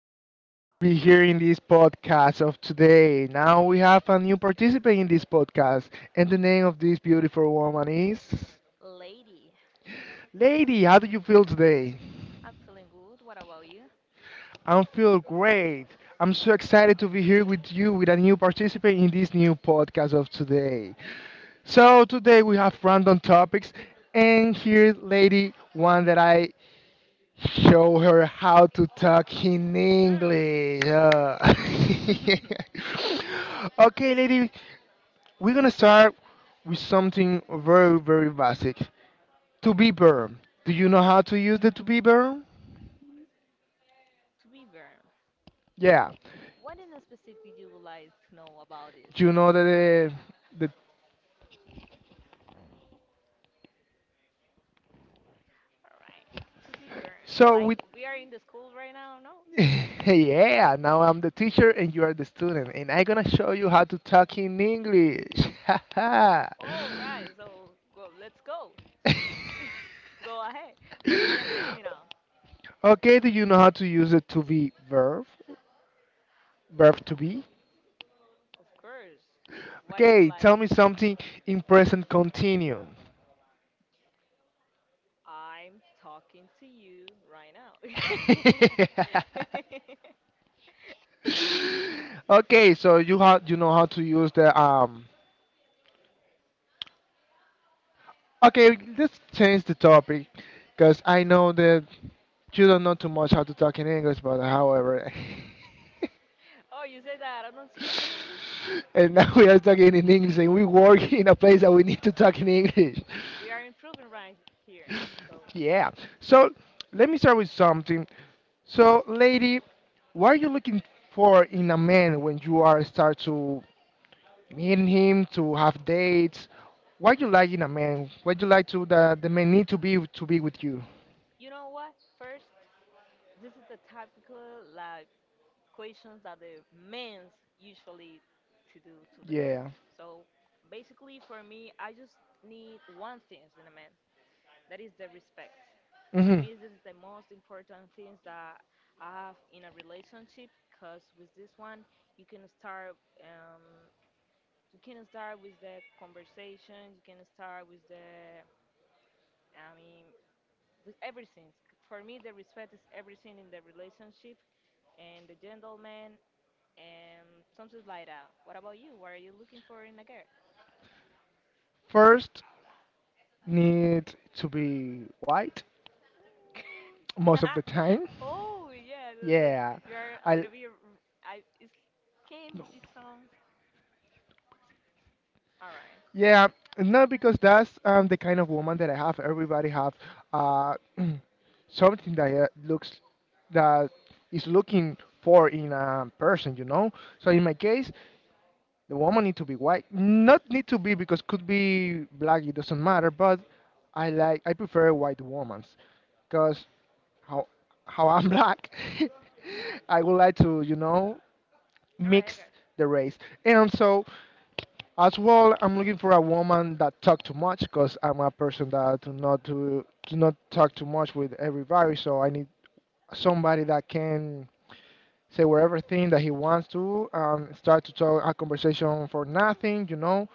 and thank you to be here in this podcast of today. Now we have a new participant in this podcast, and the name of this beautiful woman is Lady, Lady. How do you feel today? I'm feeling good. What about you? I feel great. I'm so excited to be here with you with a new participant in this new podcast of today. So today we have random topics and here lady one that I show her how to talk in Hmm. English. Okay, lady, we're gonna start with something very, very basic. To be burn. Do you know how to use the to be burn? To be burned. Yeah. Yeah, What in specific you would like to know about this? you know that the All right. To be burned. so we. Like we are in the school right now, no? yeah, now I'm the teacher and you are the student, and I'm gonna show you how to talk in English. All right. So go. Let's go. Go ahead. What you gonna teach me now? Okay, do you know how to use it to be verb? Verb to be? Of course. What you would Okay, like? tell me something in present continuum. I'm talking to you right now. okay, so you how you know how to use the. Okay, let's change the topic, because I know that you don't know too much how to talk in English, but however, Oh, you say that I don't speak in English? and now we are talking in English, and we work in a place that we need to talk in English. We are improving right here. Yeah. So let me start with something. So, lady, what are you looking for in a man when you are start to meet him, to have dates? What you like in a man? What you like to the man need to be with you? You know what? First, this is the typical like questions that the men's usually to do to the girl. Yeah. So basically, for me, I just need one thing in a man. That is the respect. For Hmm. me, this is the most important things that I have in a relationship. Cause with this one, you can start. You can start with the conversation. You can start with the, I mean, with everything. For me, the respect is everything in the relationship and the gentleman and something like that. What about you? What are you looking for in a girl? First, need to be white most of the time. Oh yeah, that's like, Yeah. you are a I. little bit. R- I it came. It sound all right. Yeah, no, because that's the kind of woman that I have. Everybody have uh, something that looks that is looking for in a person, you know. So in my case, the woman need to be white. Not need to be because could be black. It doesn't matter. But I prefer white women because how how I'm black, I would like to you know All right, mix guys. the race. And so as well, I'm looking for a woman that talk too much because I'm a person that do not to do not talk too much with everybody. So I need somebody that can say whatever thing that he wants to start to talk a conversation for nothing. You know,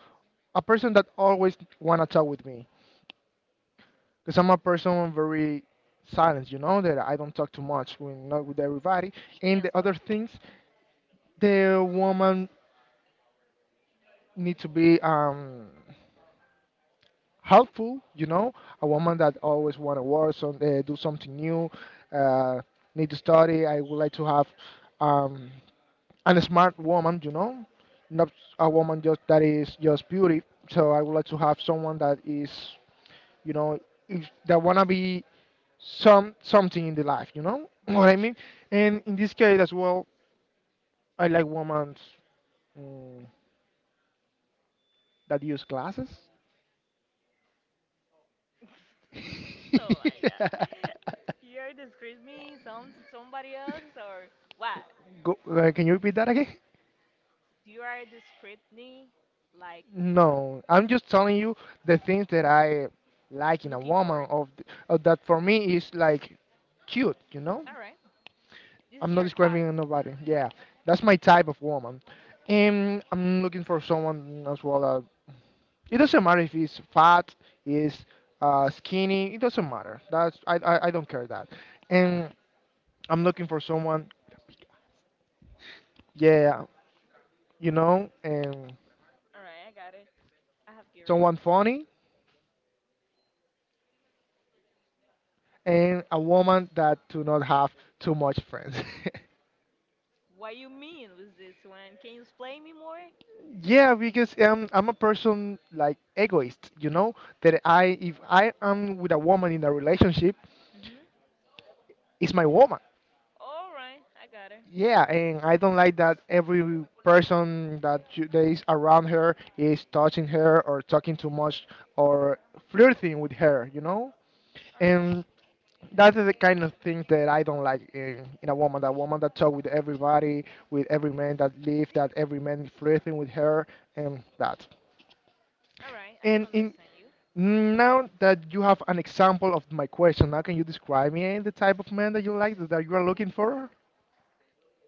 a person that always wanna talk with me because I'm a person very silent. You know that I don't talk too much when not with everybody. Me And as the other well. things, the woman need to be helpful, you know, a woman that always want to work, so, do something new, uh, need to study. I would like to have um, a smart woman, you know, not a woman just that is just beauty. So I would like to have someone that is, you know, that wanna be something in the life, you know what I mean. And in this case as well, I like women mm, that use glasses. Oh my god. You're describing me somebody else or what? Go, can you repeat that again? You are describing me like No, I'm just telling you the things that I like in a looking for. woman of that for me is like cute, you know? All right. This is I'm not your type. describing nobody. Yeah, that's my type of woman. And I'm looking for someone as well. It doesn't matter if he's fat, is skinny. It doesn't matter. That's I don't care that. All And right. I'm looking for someone. Yeah, you know, and All right, I got it. I have Garrett. someone funny and a woman that do not have too much friends. What you mean with this one? Can you explain me more? Yeah, because I'm a person like egoist, you know, that I if I am with a woman in a relationship, Mhm. it's my woman. All right, I got it. Yeah, and I don't like that every person that you, that is around her is touching her or talking too much or flirting with her, you know, All right, and that's the kind of thing that I don't like in a woman. That woman that talk with everybody, with every man that live, that every man flirting with her, and that. all right, I can And in understand you. now that you have an example of my question, now can you describe me the type of man that you like, that you are looking for?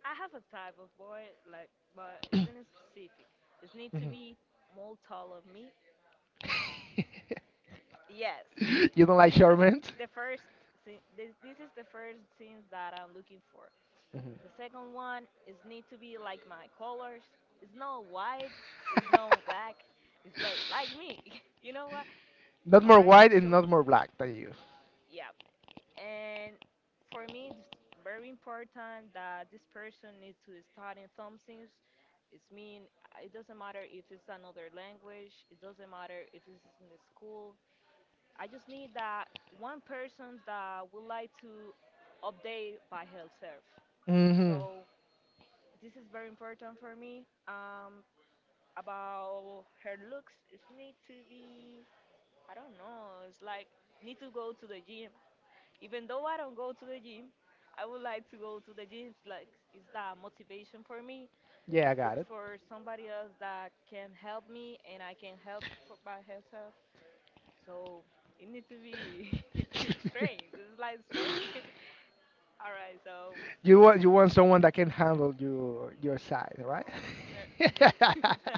I have a type of boy, like, but isn't specific. It need to Mhm. be more tall of me. Yes, you don't like this short is men? the first. This is the first thing that I'm looking for. Mhm. The second one is need to be like my colors. It's not white. It's not black. It's like me. You know what? Not All more right. white and So not more black than you. yeah, and for me, it's very important that this person needs to start in something. It's mean, it doesn't matter if it's another language. It doesn't matter if it's in the school. I just need that one person that would like to update by herself. Hmm. So this is very important for me. About her looks, it need to be. I don't know. It's like need to go to the gym. Even though I don't go to the gym, I would like to go to the gym. It's like it's the motivation for me. Yeah, I Look got it. for somebody else that can help me, and I can help for by myself. So it needs to be strength. This is like strength. All right, so. You want someone that can handle your side, right? Yeah,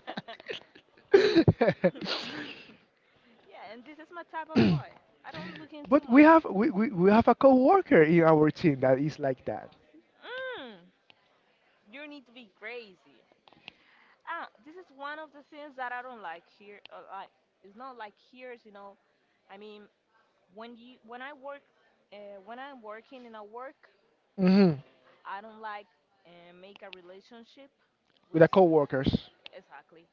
and this is my type of boy. I don't look in too but we much. have we, we, we have a coworker in our team that is like that. Mm, you need to be crazy. Ah, this is one of the things that I don't like here. Like, it's not like here. I mean, when you when I work, when I'm working in a work, Hmm. I don't like make a relationship With with, the coworkers. exactly.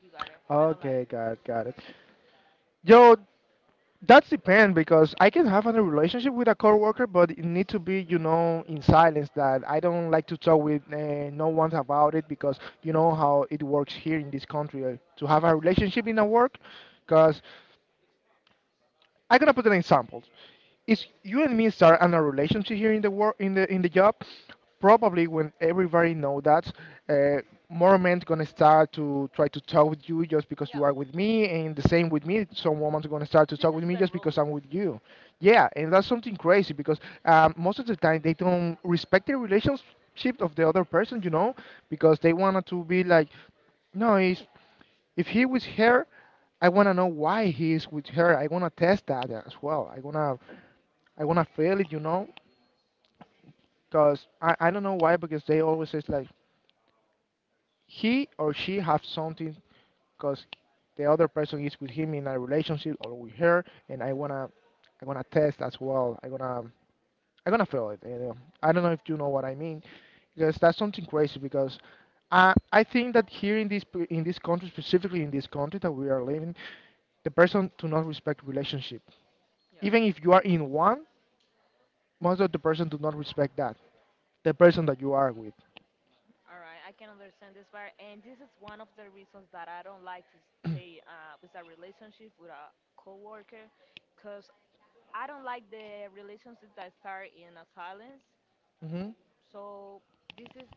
You got it. I don't like. Okay, got it, got it. Yo, that's depend because I can have a relationship with a coworker, but it need to be, you know, in silence. That I don't like to talk with no one about it because you know how it works here in this country to have a relationship in a work, because I'm gonna put an example. If you and me start in a relationship here in the work in the job, probably when everybody know that, uh, more men gonna start to try to talk with you just because Yeah. you are with me, and the same with me. Some women's gonna start to This talk with is me the just because rule. I'm with you. Yeah, and that's something crazy because most of the time they don't respect the relationship of the other person, you know, because they wanted to be like no, it's if he with her, I wanna know why he is with her. I wanna test that as well. I wanna feel it, you know, because I don't know why because they always says like he or she have something because the other person is with him in a relationship or with her, and I wanna test as well. I wanna feel it. You know? I don't know if you know what I mean because that's something crazy because. I think that here in this in this country specifically in this country that we are living the person do not respect relationship. Yeah. Even if you are in one, most of the person do not respect that the person that you are with. All right, I can understand this part, and this is one of the reasons that I don't like to stay with a relationship with a coworker, cause I don't like the relationships that start in a silence. Hmm. So this is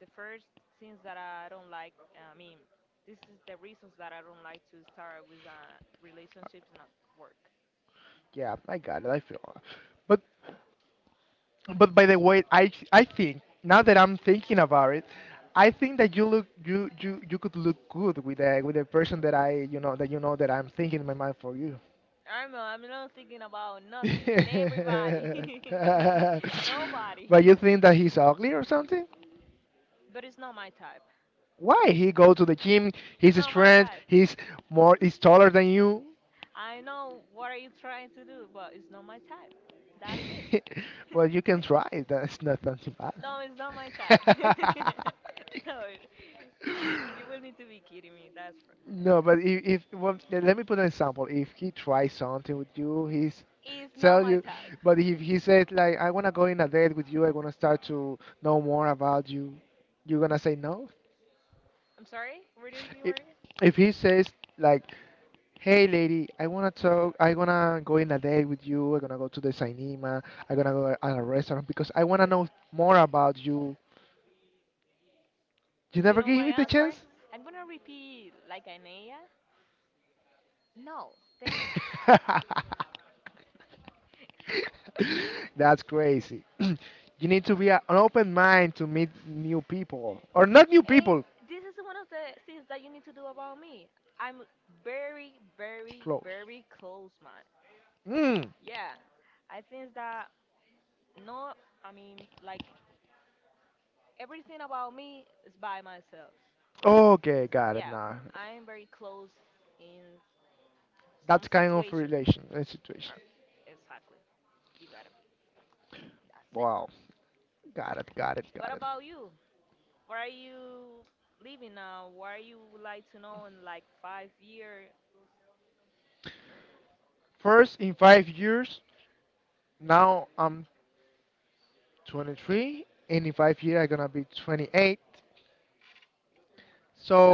the first things that I don't like. I mean, this is the reasons that I don't like to start with a relationship not work. Yeah, I got it. I feel. But but by the way, I think now that I'm thinking about it, I think that you could look good with a person that I you know that I'm thinking in my mind for you. I'm not thinking about nothing. Everybody, nobody. but you think that he's ugly or something? But it's not my type. Why he go to the gym? It's He's not my strength. type. He's more. He's taller than you. I know what are you trying to do, but it's not my type. That's it. well, you can try. That's not something bad. No, it's not my type. So you will need to be kidding me. That's right. no, but if well, let me put an example. If he tries something with you, he's It's not tell my you. type. But if he says like, I wanna go in a date with you. I wanna start to know more about you. You're gonna say no. I'm sorry? Ready to be if, word. if he says like, hey lady, I want to talk. I want to go in a date with you. I'm going to go to the cinema. I'm going to go at a restaurant because I want to know more about you. You You never know give my me the answer? chance. I'm gonna repeat like Anaya. No, thanks. that's crazy. You need to be an open mind to meet new people or not new And people this is one of the things that you need to do about me. I'm very, very, close very close minded. mm. Yeah. I think that no, I mean like everything about me is by myself. Okay, got it Yeah. now. I'm very close in some That's kind of situation. relation situation. Uh, Exactly. You got him. That's it. Wow. Got it, got it, What got it. about you? Where are you living now? Where are you would like to know in like 5 years? First, in 5 years, now I'm 23, and in 5 years, I'm gonna be 28.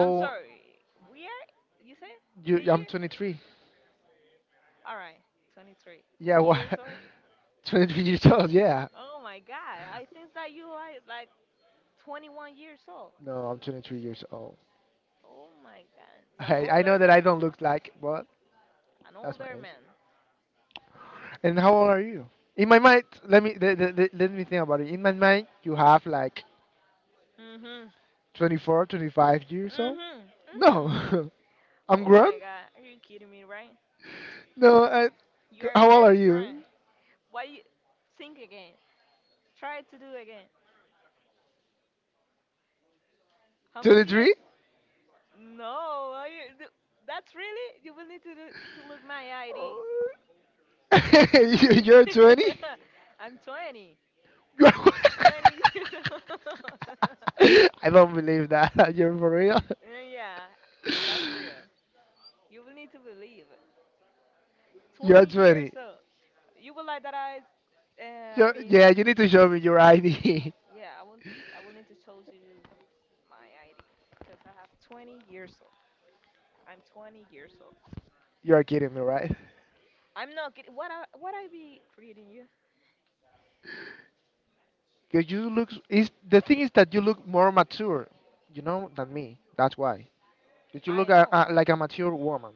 I'm sorry, we are, you say you, the I'm year? 23. All right, 23 Yeah, what? years old. 23 years old, yeah. Oh my God, I think that you are like 21 years old. No, I'm 23 years old. Oh my God, it's an I know older that I man, don't look like, but an that's my older age. man. And how old are you? In my mind, let me let, let, let let me think about it. In my mind, you have like Mm-hmm, 24, 25 years old. mm-hmm, mm-hmm. No, I'm Oh grown. my God, are you kidding me, right? No, I, You are how old are very grand. you? Why you think again? Try to do again. How much year? 23? No, th- that's really you will need to do, to look my ID. You- You're 20? I'm 20, 20 years old. I don't believe that. You're for real? Yeah, that's real. You will need to believe. You're 20 years 20. old. You will like that I So, mean, yeah, you need to show me your ID. yeah, I will need to show you my ID because I have 20 years old. I'm 20 years old. You're kidding me, right? I'm not kidding. What I be creating you? Because you look. Is the thing is that you look more mature, you know, than me. That's why. That you I look know. Like a mature woman.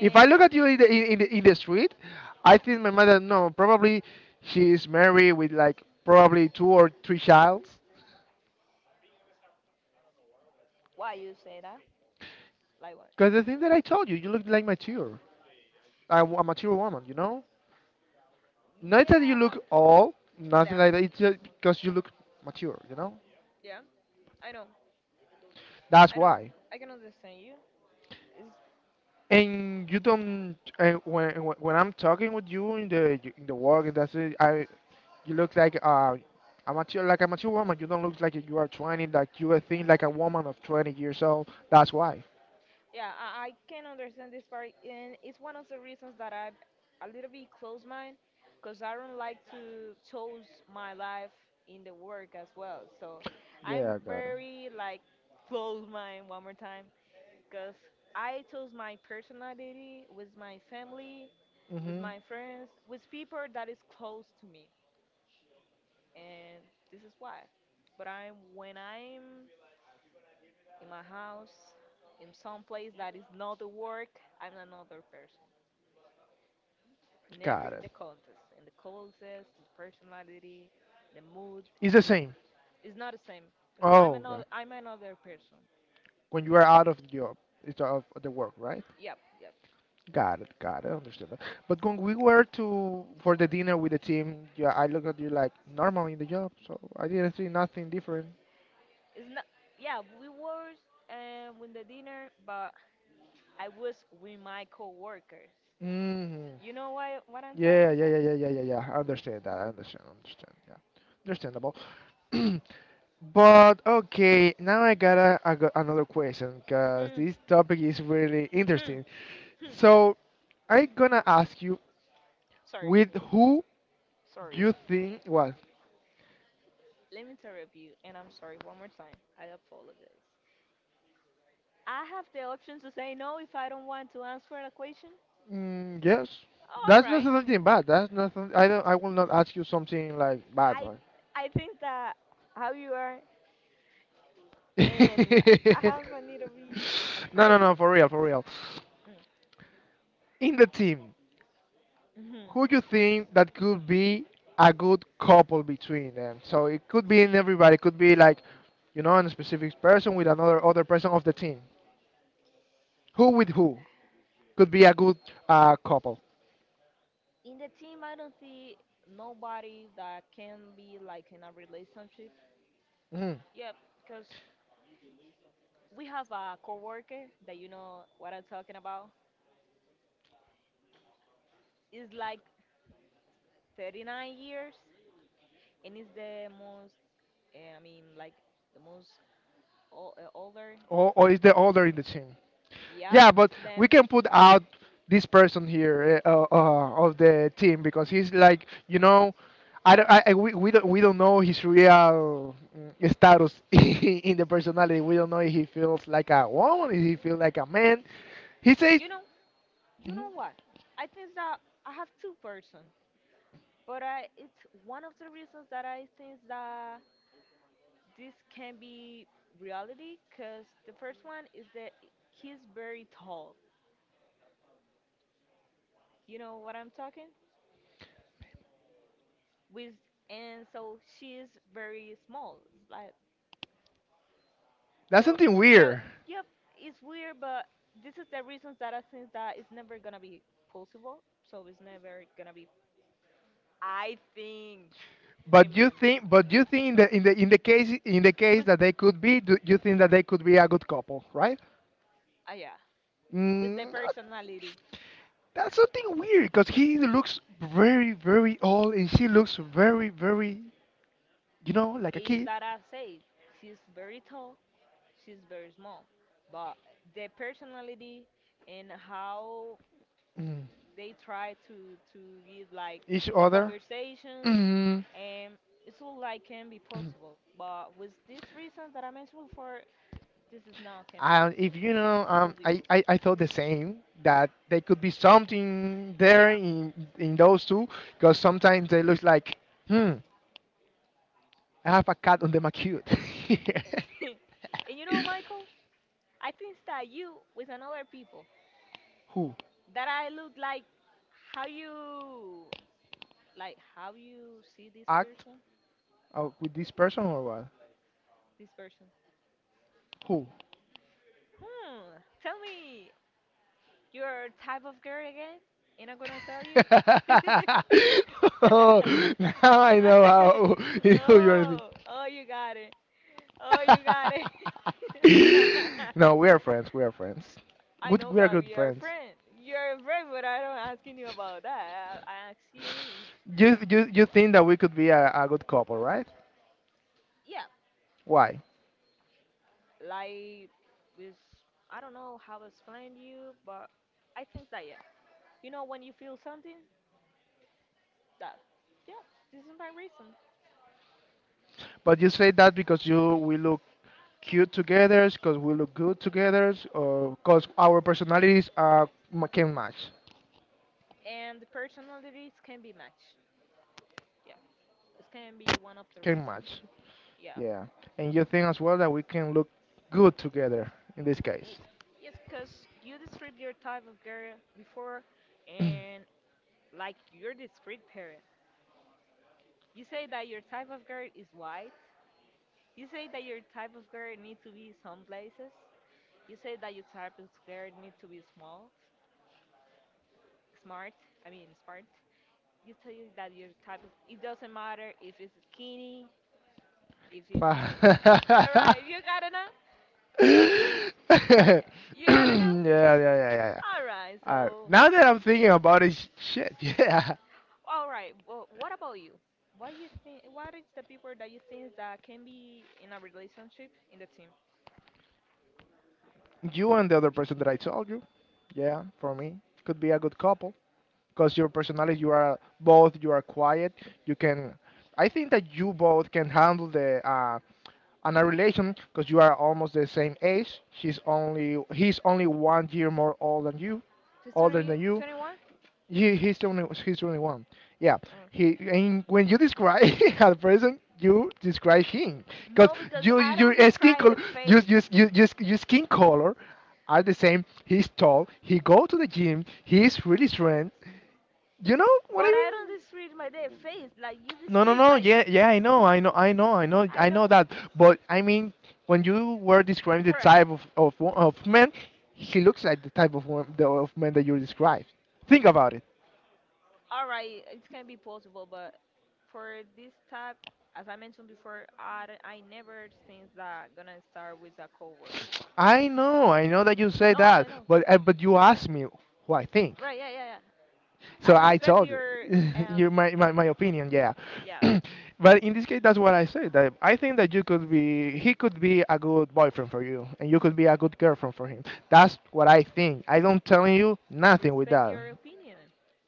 If I look at you in the street, I think my mother no. Probably she is married with like probably two or three childs. why you say that? Like what? Because the thing that I told you, you look like mature, a mature woman, you know? Not that you Yeah, but look old, nothing damn, like that. It's just because you look mature, you know? yeah, I know, That's I know, why. I can understand you. It's, you And you don't. And when I'm talking with you in the work, and that's it. I you look like a mature like a mature woman. You don't look like you are 20. Like you are think like a woman of 20 years old. That's why. yeah, I can understand this part, and it's one of the reasons that I'm a little bit close mind, because I don't like to choose my life in the work as well. So I'm Yeah, I got it. very like close mind one more time, because I chose my personality with my family, with Hmm. my friends, with people that is close to me and this is why. But I'm when I'm in my house, in some place that is not the work, I'm another person. In Got every it. the context, in the clothes, the personality, the mood, It's the same. it's not the same. It's- I'm Oh another God. I'm another person. When you are out of the job, it's out of the work, right? Yep, yep. Got it, understood that. But when we were to for the dinner with the team, yeah, I look at you like normal in the job, so I didn't see nothing different. It's not. Yeah, we were with the dinner, but I was with my coworkers. Hmm. You know why? What I'm trying Yeah, to yeah, say? yeah, yeah, yeah, yeah, yeah, I understand that. I understand, understand. Yeah, understandable. But okay, now I got another question because Hmm, this topic is really hmm, interesting. hmm. So I'm gonna ask you, Sorry, with who sorry. you think was. Let me interrupt you, and I'm sorry one more time. I apologize. I have the option to say no if I don't want to answer the question. Mm, yes, All that's not right. something bad. That's nothing. I don't. I will not ask you something like bad, I right? I think that how you are and I have a need to be No, no, afraid. no. For real, for real. In the team, Mm-hmm. who you think that could be a good couple between them? So it could be in everybody. It could be like, you know, a specific person with another other person of the team. Who with who could be a good couple? In the team, I don't see nobody that can be like in a relationship. Mm. Yeah, because we have a coworker that you know what I'm talking about. It's like 39 years, and it's the most and I mean like the most older. Or is the other in the team? Yep, Yeah, but we them. can put out this person here of the team because he's like, you know, I, I don't- don't I know. we don't know his real status in the personality. We don't know if he feels like a woman, if he feels like a man. He says, You know, you "Mm, know what? I think that I have two person, but I it's one of the reasons that I think that this can be reality, cause the first one is that he's very tall. You know what I'm talking? With And so she is very small, like that's that's so something really, yeah, weird." weird. Yeah, it's weird, but this is the reasons that I think that it's never gonna be possible. So it's never gonna be. I think. Remember. With but you think that in the case that they could be, do you think that they could be a good couple, right? Ah, yeah, with the Mm. personality That's something weird because he looks very, very old and she looks very, very, you know, like a is kid. that I say she's very tall, she's very small, but the personality and how Mm. they try to give like Each the other. conversations, Mm. and it's all like can be possible, but with this reason that I mentioned before, this is now can be possible. If you know, um, Could be I, I, possible. I thought the same, that there could be something there Yeah. In those two because sometimes they look like, hmm, I have a cat on the macute. And you know, Michael, I think that you with another people Who that I look like how you, like how you see this act person. out with this person or what? This person, Who? hmm tell me your type of girl again, and I'm gonna tell you. Oh, now I know how who you are Oh, oh, you got it. Oh, you got it. thinking. No, we are friends. We are friends. I Good, know we are that good we are friends. friends. You're a friend, but I don't asking you about that. I asking you if, You think that we could be a good couple, right? yeah, Why? like, is, I don't know how to explain you, but I think that, yeah. You know, when you feel something, that, yeah, this is my reason. But you say that because you we look cute together, because we look good together, or because our personalities are ma- can match, And the personalities can be matched. Yeah, this can be one of the can reason. match. Yeah. Yeah, and you think as well that we can look good together in this Y- case. Yes, because you describe your type of girl before, and like you your discreet parent. You say that your type of girl is white. You say that your type of girl need to be some places. You say that your type of girl need to be small, smart. I mean smart. You say that your type is. It doesn't matter if it's skinny, if it's. Five. All Yeah, right, you gotta know. yeah, You gotta know. yeah, yeah, yeah. All right, All right. so. Now that I'm thinking about it, shit, yeah. All right. Well, what about you? What you think? What is the people that you think that can be in a relationship in the team? You and the other person that I told you, yeah, for me, could be a good couple. Because your personality, you are both, you are quiet. You can, I think that you both can handle the and a relation because you are almost the same age. She's only he's only 1 year more old than you, To older 20, than you. 21? He's the only one. Yeah, Or he, and when you describe a person, you describe him because no, because you I don't your skin describe color, the you face, you you you your skin color are the same. He's tall. He go to the gym. He's really strong. You know what I but I don't mean? describe my day face like you No, no, describe. no. Like Yeah, yeah. I know. I know. I know. I know. I I know know. that. But I mean, when you were describing the All right, type of, wo- of man, he looks like the type of wo- the, of man that you described. Think about it. all right. It can be possible, but for this type, as I mentioned before, I never think that gonna start with a coworker. I know. I know that you say No, I that. know. But you asked me who I think. Right? Yeah, yeah, yeah. I So I respect told you, your you um my, my, your my opinion, yeah. yeah, But in this case, that's what I said. That I think that you could be, he could be a good boyfriend for you, and you could be a good girlfriend for him. That's what I think. I don't telling you I nothing with respect that. your opinion.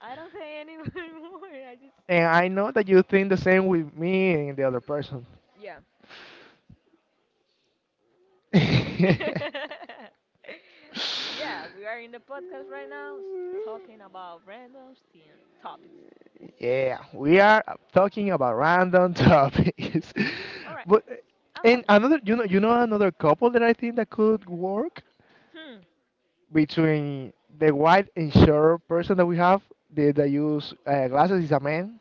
I don't say anything more. I just, And I know that you think the same with me and the other person. yeah. Yeah, we are in the podcast right now talking about random STEAM topics. Yeah, we are talking about random topics. All right, But I'll and have a go. another, you know, you know another couple that I think that could work Hmm. between the white and short person that we have, the, that use glasses is a man,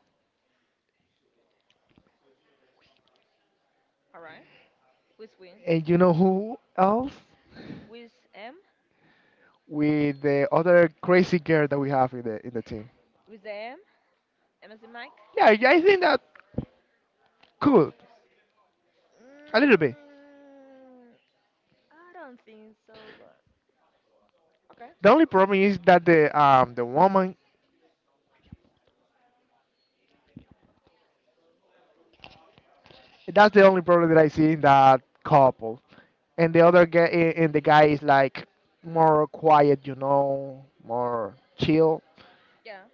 All right. With win? and you know who else, With M? with the other crazy girl that we have in the team. With the M? M as in Mike? Yeah, I think that could a little bit. Mm, I don't think so, but okay. The only problem is that the woman. That's the only problem that I see in that couple. And the other guy, eh, and the guy is like more quiet, you know, more chill. Yeah.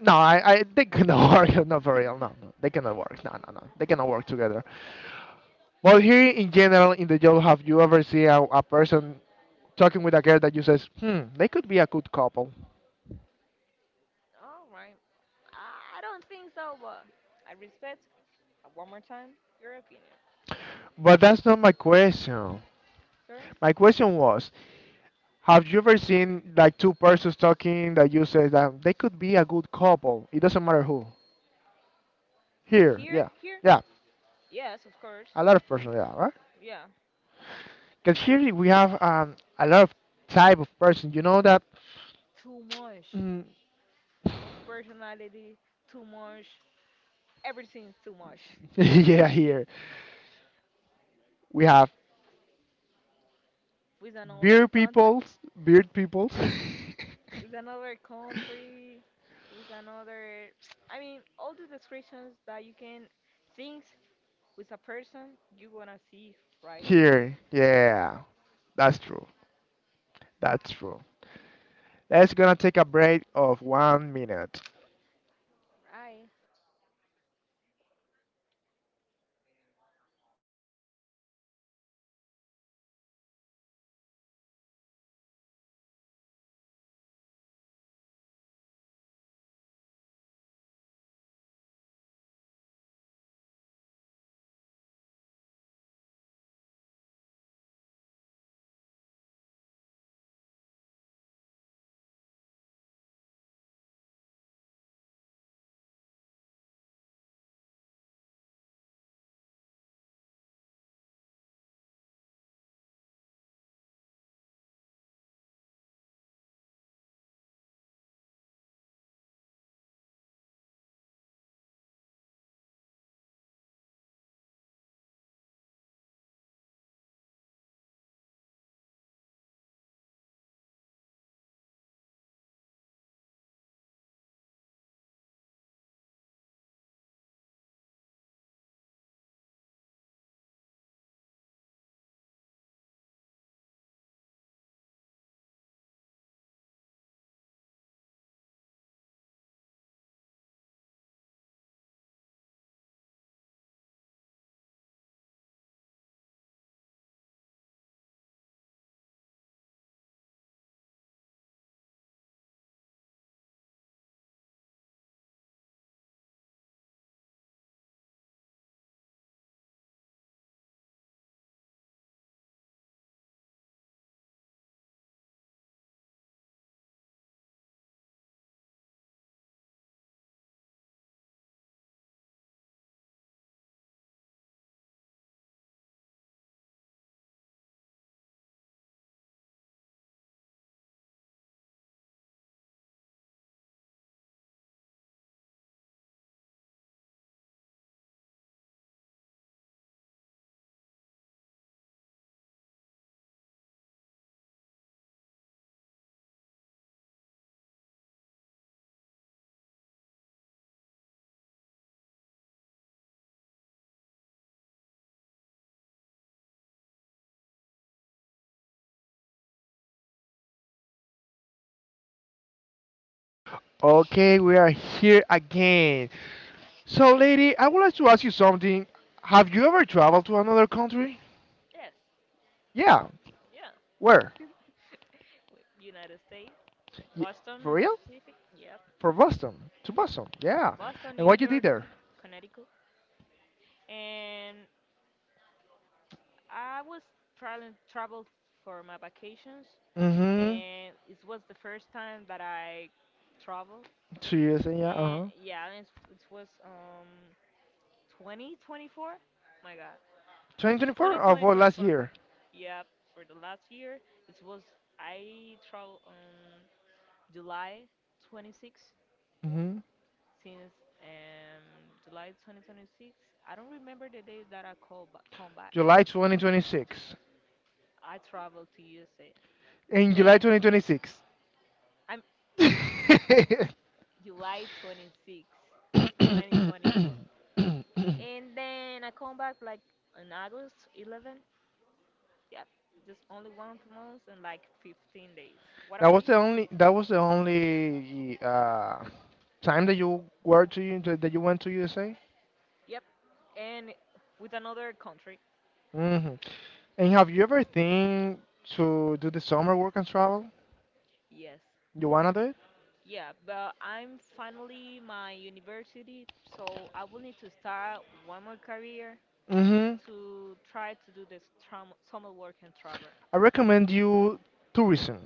No, I they cannot work. Not for real. No, no, they cannot work. No, no, no, they cannot work together. Well, here in general in the job, have you ever seen a person talking with a girl that you says, hmm, they could be a good couple? All right. I don't think so, but I respect, one more time, your opinion. But that's not my question. Sorry? My question was, have you ever seen like two persons talking that you say that they could be a good couple? It doesn't matter who. Here, Here? yeah, Here? yeah, Yes, of course. a lot of person, yeah, right? Yeah. Because here we have a lot of type of person. You know that, Too much mm. of personality, too much. Everything's too much. Yeah. Here we have With another beard country, peoples, beard peoples. with another country, with another. I mean, all the descriptions that you can think with a person, you're gonna see right here. Here, Yeah. yeah, that's true. That's true. Let's gonna take a break of 1 minute. Right. Okay, we are here again. So, lady, I would like to ask you something. Have you ever traveled to another country? Yes. Yeah. Yeah. Where? Wait, United States, Y Boston for in real? specific. Yep. For Boston. To Boston. Yeah. Boston, And New what you did York, there? Connecticut, and I was traveling traveled for my vacations, Mm-hmm. and it was the first time that I traveled, 2 years. Yeah. and Uh-huh. yeah, and it was 2024. My God, 2024 or for last 202024. year? 24. Yeah, for the last year, it was I traveled on July 26 Mm-hmm. since July 2026. I don't remember the days that I call come back. July 2026. I traveled to USA. In July Then 2026. I'm July 26 of 2024. And then I come back like on August 11th. Yeah, just only one month and like 15 days. What That about was you? the only. That was the only time that you were to you that you went to USA. Yep, and with another country. Hmm. And have you ever think to do the summer work and travel? Yes. You wanna do it? Yeah, but I'm finally my university, so I will need to start one more career Hmm. to try to do this summer work and travel. I recommend you tourism.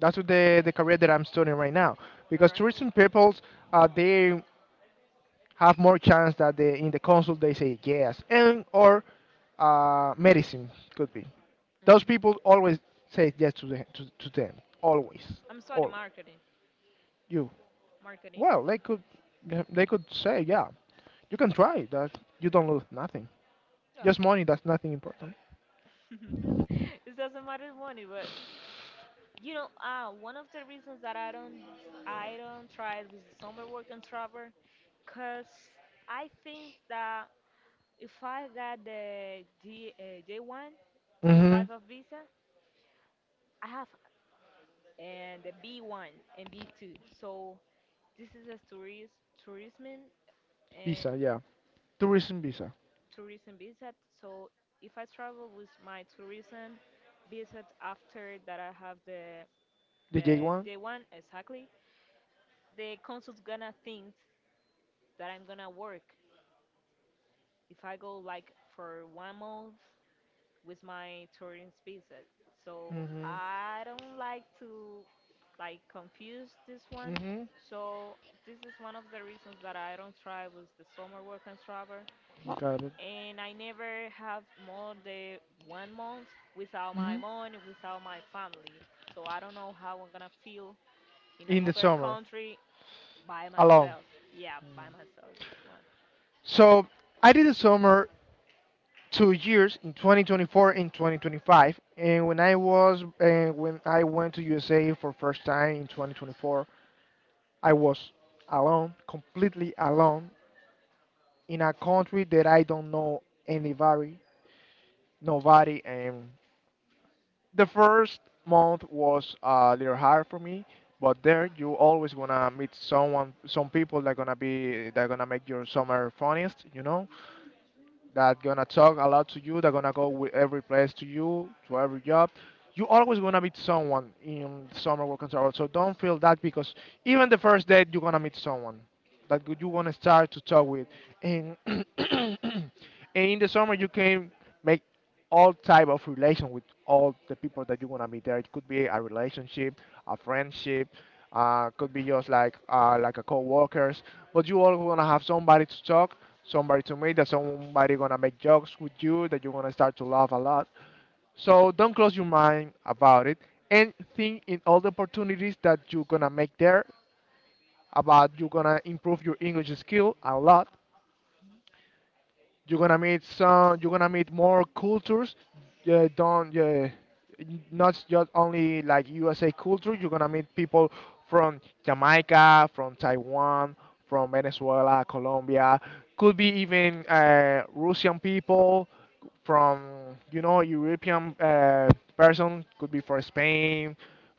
That's what the career that I'm studying right now. All Because right? tourism people, they have more chance that they, in the consul they say yes. And or medicine could be. Those Hmm. people always say yes to, the, to them. Always. I'm sorry, All. marketing. You. Marketing. Well, they could, yeah, they could say, yeah, you can try that. You don't lose nothing. Yeah. Just money. That's nothing important. It doesn't matter money, but one of the reasons that I don't try with the summer work and travel, cause I think that if I got the D J one, the Mm-hmm. type of visa, I have and the B one and B two. So this is a tourist tourism and Visa, yeah. Tourism visa. tourism visa. So if I travel with my tourism visa after that I have the The J the one. day one exactly, the consul's gonna think that I'm gonna work if I go like for one month with my tourism visa. So Mm-hmm. I don't like to like confuse this one. Mm-hmm. So this is one of the reasons that I don't try with the summer work and travel Got it. and I never have more than one month without my Mm-hmm. mom and without my family. So I don't know how I'm gonna feel in In the another summer, country by alone. myself. Yeah, by myself. Like- So I did the summer 2 years in 2024 and 2025, and when I was and when I went to USA for first time in 2024, I was alone, completely alone in a country that I don't know anybody, nobody. And the first month was a little hard for me, but there you always gonna meet someone, some people that gonna be that gonna make your summer funniest, you know, that gonna talk a lot to you, that gonna go with every place to you, to every job. You always gonna meet someone in summer work and travel, so don't feel that because even the first date you're gonna meet someone that good you wanna start to talk with, and and in the summer you can make all type of relation with all the people that you wanna meet there. It could be a relationship, a friendship, could be just like a co-workers, but you always wanna have somebody to talk, somebody to meet, that somebody gonna make jokes with you, that you're gonna start to laugh a lot. So don't close your mind about it and think in all the opportunities that you're gonna make there, about you're gonna improve your english skill a lot. You're gonna meet some. You're gonna meet more cultures. Yeah, don't, yeah, n- not just only like USA culture. You're gonna meet people from Jamaica, from Taiwan, from Venezuela, Colombia. Could be even Russian people from you know European person. Could be from Spain,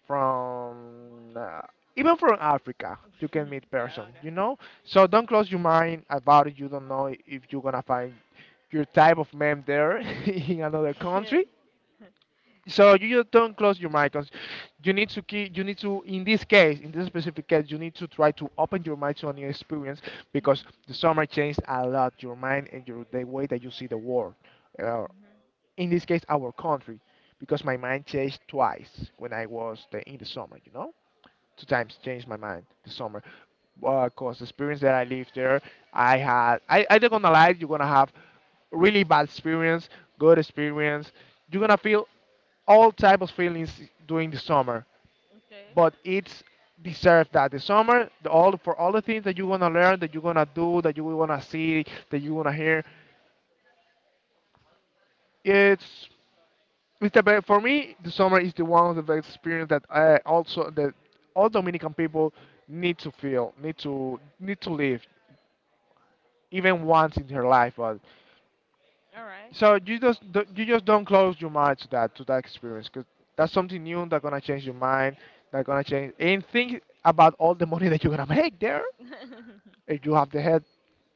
from even from Africa. You can meet yeah, person. You know, so don't close your mind about it. You don't know if you're gonna find your type of man there in another okay. country. So you just don't close your mind 'cause you need to keep. You need to, in this case, in this specific case, you need to try to open your mind to a new experience because Mhm, the summer changed a lot your mind and your the way that you see the world. Uh, mhm. in this case, our country, because my mind changed twice when I was the, in the summer. You know, two times changed my mind this summer because the experience that I lived there, I had, I don't gonna lie, you're gonna have really bad experience, good experience. You're gonna feel all type of feelings during the summer, Okay, but it's deserved that the summer, all for all the things that you're gonna learn, that you're gonna do, that you're gonna see, that you're gonna hear, it's It's the best for me. The summer is the one of the best experience that I also that all Dominican people need to feel, need to live, even once in their life. But all right. so you just you just don't close your mind to that experience because that's something new that's gonna change your mind, that's gonna change and think about all the money that you're gonna make there. If you have the head,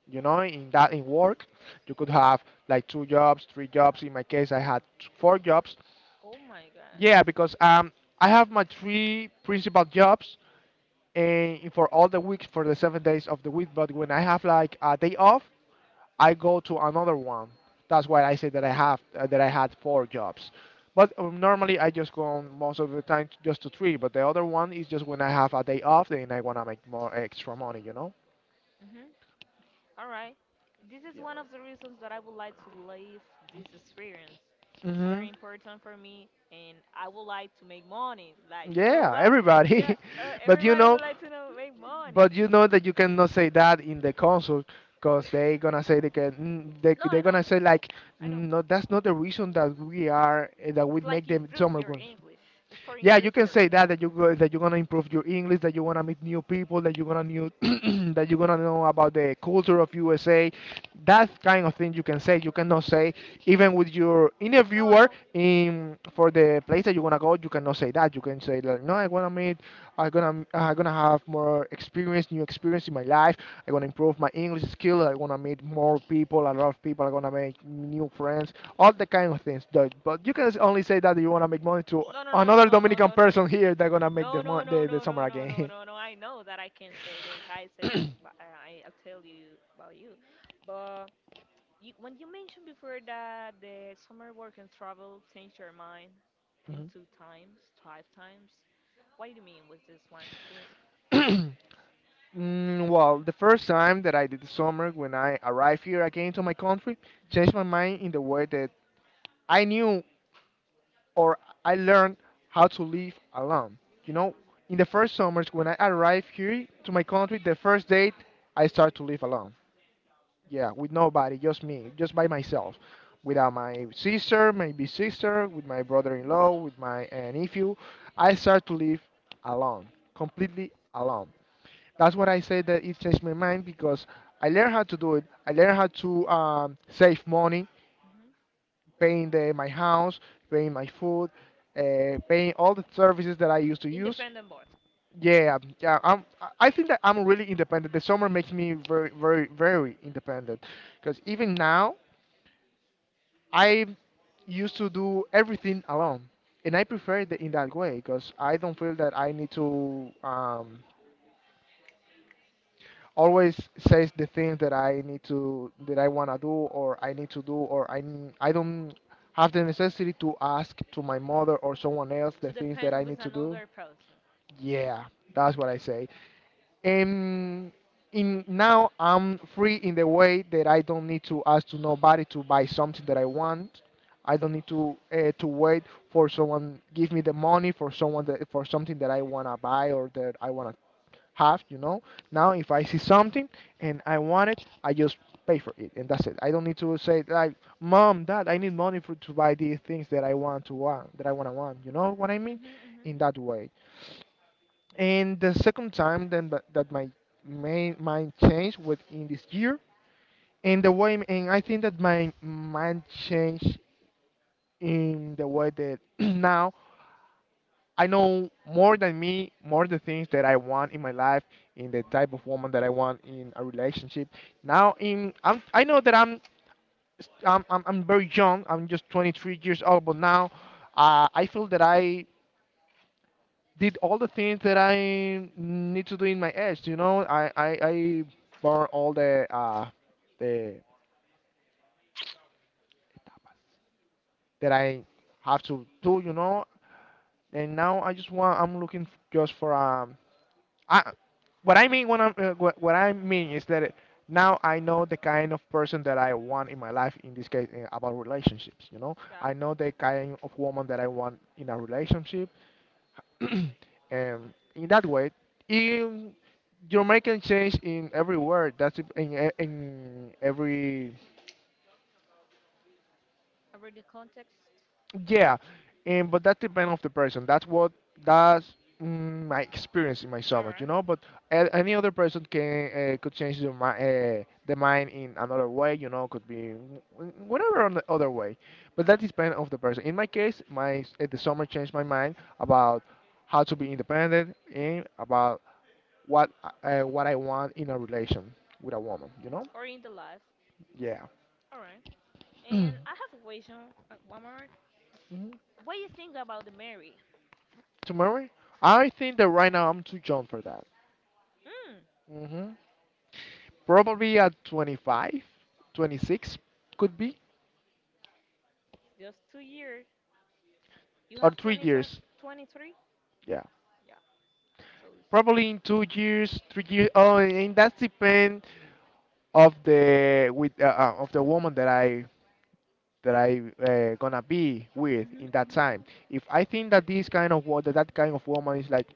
you know, in work, you could have like two jobs, three jobs. In my case, I had four jobs. Oh my god. Yeah, because I have my three principal jobs and for all the weeks for the 7 days of the week. But when I have like a day off, I go to another one. That's why I say that I have that I had four jobs. But normally I just go on most of the time just to three. But the other one is just when I have a day off, then I wanna make more extra money, you know. Hmm. All right. This is Yeah. one of the reasons that I would like to live this experience. It's Hmm. very important for me, and I would like to make money. Like, you know Yeah, what? Yeah, everybody. But you everybody know, would like to know make money. but you know that you cannot say that in the console because they gonna say they can they No, they I know. gonna say like, I know. "Mm, no, that's not the reason that we are that we It's make like them improve summer your guns." English. It's for Yeah, you improve can your say English. that you go, that you're gonna improve your English, that you wanna meet new people, that you're gonna new that you're gonna know about the culture of USA. That kind of thing you can say. You cannot say even with your No, I interviewer know. in for the place that you wanna go. You cannot say that. You can say like no, I wanna meet I'm gonna have more experience, new experience in my life. I'm gonna improve my English skill. I wanna meet more people, a lot of people. I'm gonna make new friends, all the kind of things. But you can only say that you wanna make money to No, no, no, no, another no, no, Dominican no, no, person no. here that gonna make No, the no, no, the no, summer no, no, no, again. no, no. I know that I can say this. I said, but I tell you about you. But you, when you mentioned before that the summer work and travel changed your mind in two times, five times. What do you mean with this one? Can you? Mhm. Mm, well, the first time that I did the summer when I arrived here again to my country, changed my Hmm. mind in the way that I knew or I learned how to live alone. You know, in the first summers when I arrived here to my country, the first date I started to live alone. Yeah, with nobody, just me, just by myself, without my sister, my big sister, with my brother-in-law, with my nephew. Hmm. I started to live alone, completely alone. That's what I say that it changed my mind because I learned how to do it. I learned how to save money Hmm. paying my house, paying my food, paying all the services that I used to use. Independent board. Yeah, yeah. I think that I'm really independent. The summer makes me very, very, very independent. Because even now, I used to do everything alone, and I prefer it in that way because I don't feel that I need to always says the things that I need to that I wanna do or I need to do or I I don't have the necessity to ask to my mother or someone else the To things that I depend need with to do. another person. Yeah, that's what I say. And in now I'm free in the way that I don't need to ask to nobody to buy something that I want. I don't need to wait for someone give me the money for someone that for something that I wanna buy or that I wanna have, you know. Now, if I see something and I want it, I just pay for it, and that's it. I don't need to say like, "Mom, Dad, I need money for to buy these things that I want to want, that I want to want." You know what I mean? Hmm. In Hmm. that way. And the second time then that my main mind changed within this year, and the way, and I think that my mind changed in the way that now. I know more than me, more the things that I want in my life, in the type of woman that I want in a relationship. Now, in I know that I'm very young. I'm just 23 years old, but now I feel that I did all the things that I need to do in my age. You know, I burn all the that I have to do. You know, and now I just want. I'm looking just for a. I, what I mean when what I mean is that now I know the kind of person that I want in my life. In this case, about relationships, you know, Yeah. I know the kind of woman that I want in a relationship, and in that way, you you're making change in every word. That's in every Already context. Yeah, and but that depends of the person. That's what that's mm, my experience in my All stomach, you right. know. But any other person can could change their mind in another way, you know. Could be whatever on the other way, but that Yeah. depends of the person. In my case, my the summer changed my mind about how to be independent and about what what I want in a relation with a woman, you know. Or in the life. Yeah. All right. And I have a question, one more. Mhm. What do you think about the Mary? Tomorrow, I think that right now I'm too young for that. Mm, Hmm, probably at 25, 26 could be, just 2 years. You or have three 20, 20, years. 23. Yeah, Yeah. So it's probably just. in 2 years, 3 years. Oh, and that's depend of the with of the woman that I gonna be with Mhm, in that time. mhm, If I think that this kind of that that kind of woman is like,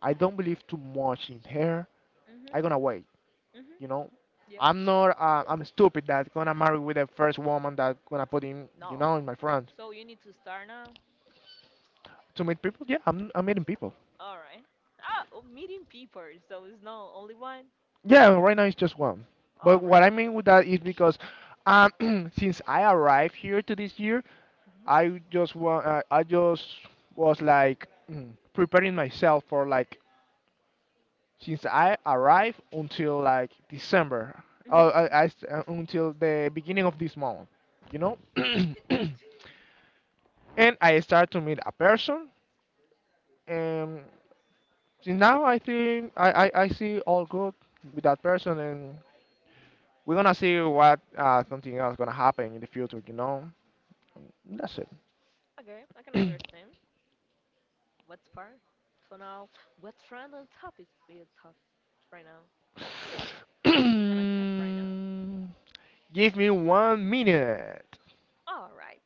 I don't believe too much in her. mhm, I gonna mhm, wait. mhm. You know, Yeah. I'm not. I'm stupid that gonna marry with the first woman that gonna put in. You No. know, in my front So you need to start now. to meet people. Yeah, I'm meeting people. All right. Ah, oh, meeting people. So it's not only one. Yeah, right now it's just one. But All right. what I mean with that is because um, since I arrived here to this year, Mhm, I just want I just was like mm, preparing myself for like since I arrived until like December, mhm, I mhm. Until the beginning of this month, you know. And I start to meet a person, and since now I think I see all good with that person, and. We're gonna see what something else gonna happen in the future. You know, that's Okay, I can it. understand. What's part? So now, what trend and topics we talk right now? We're gonna talk right now. Give me one minute. All right.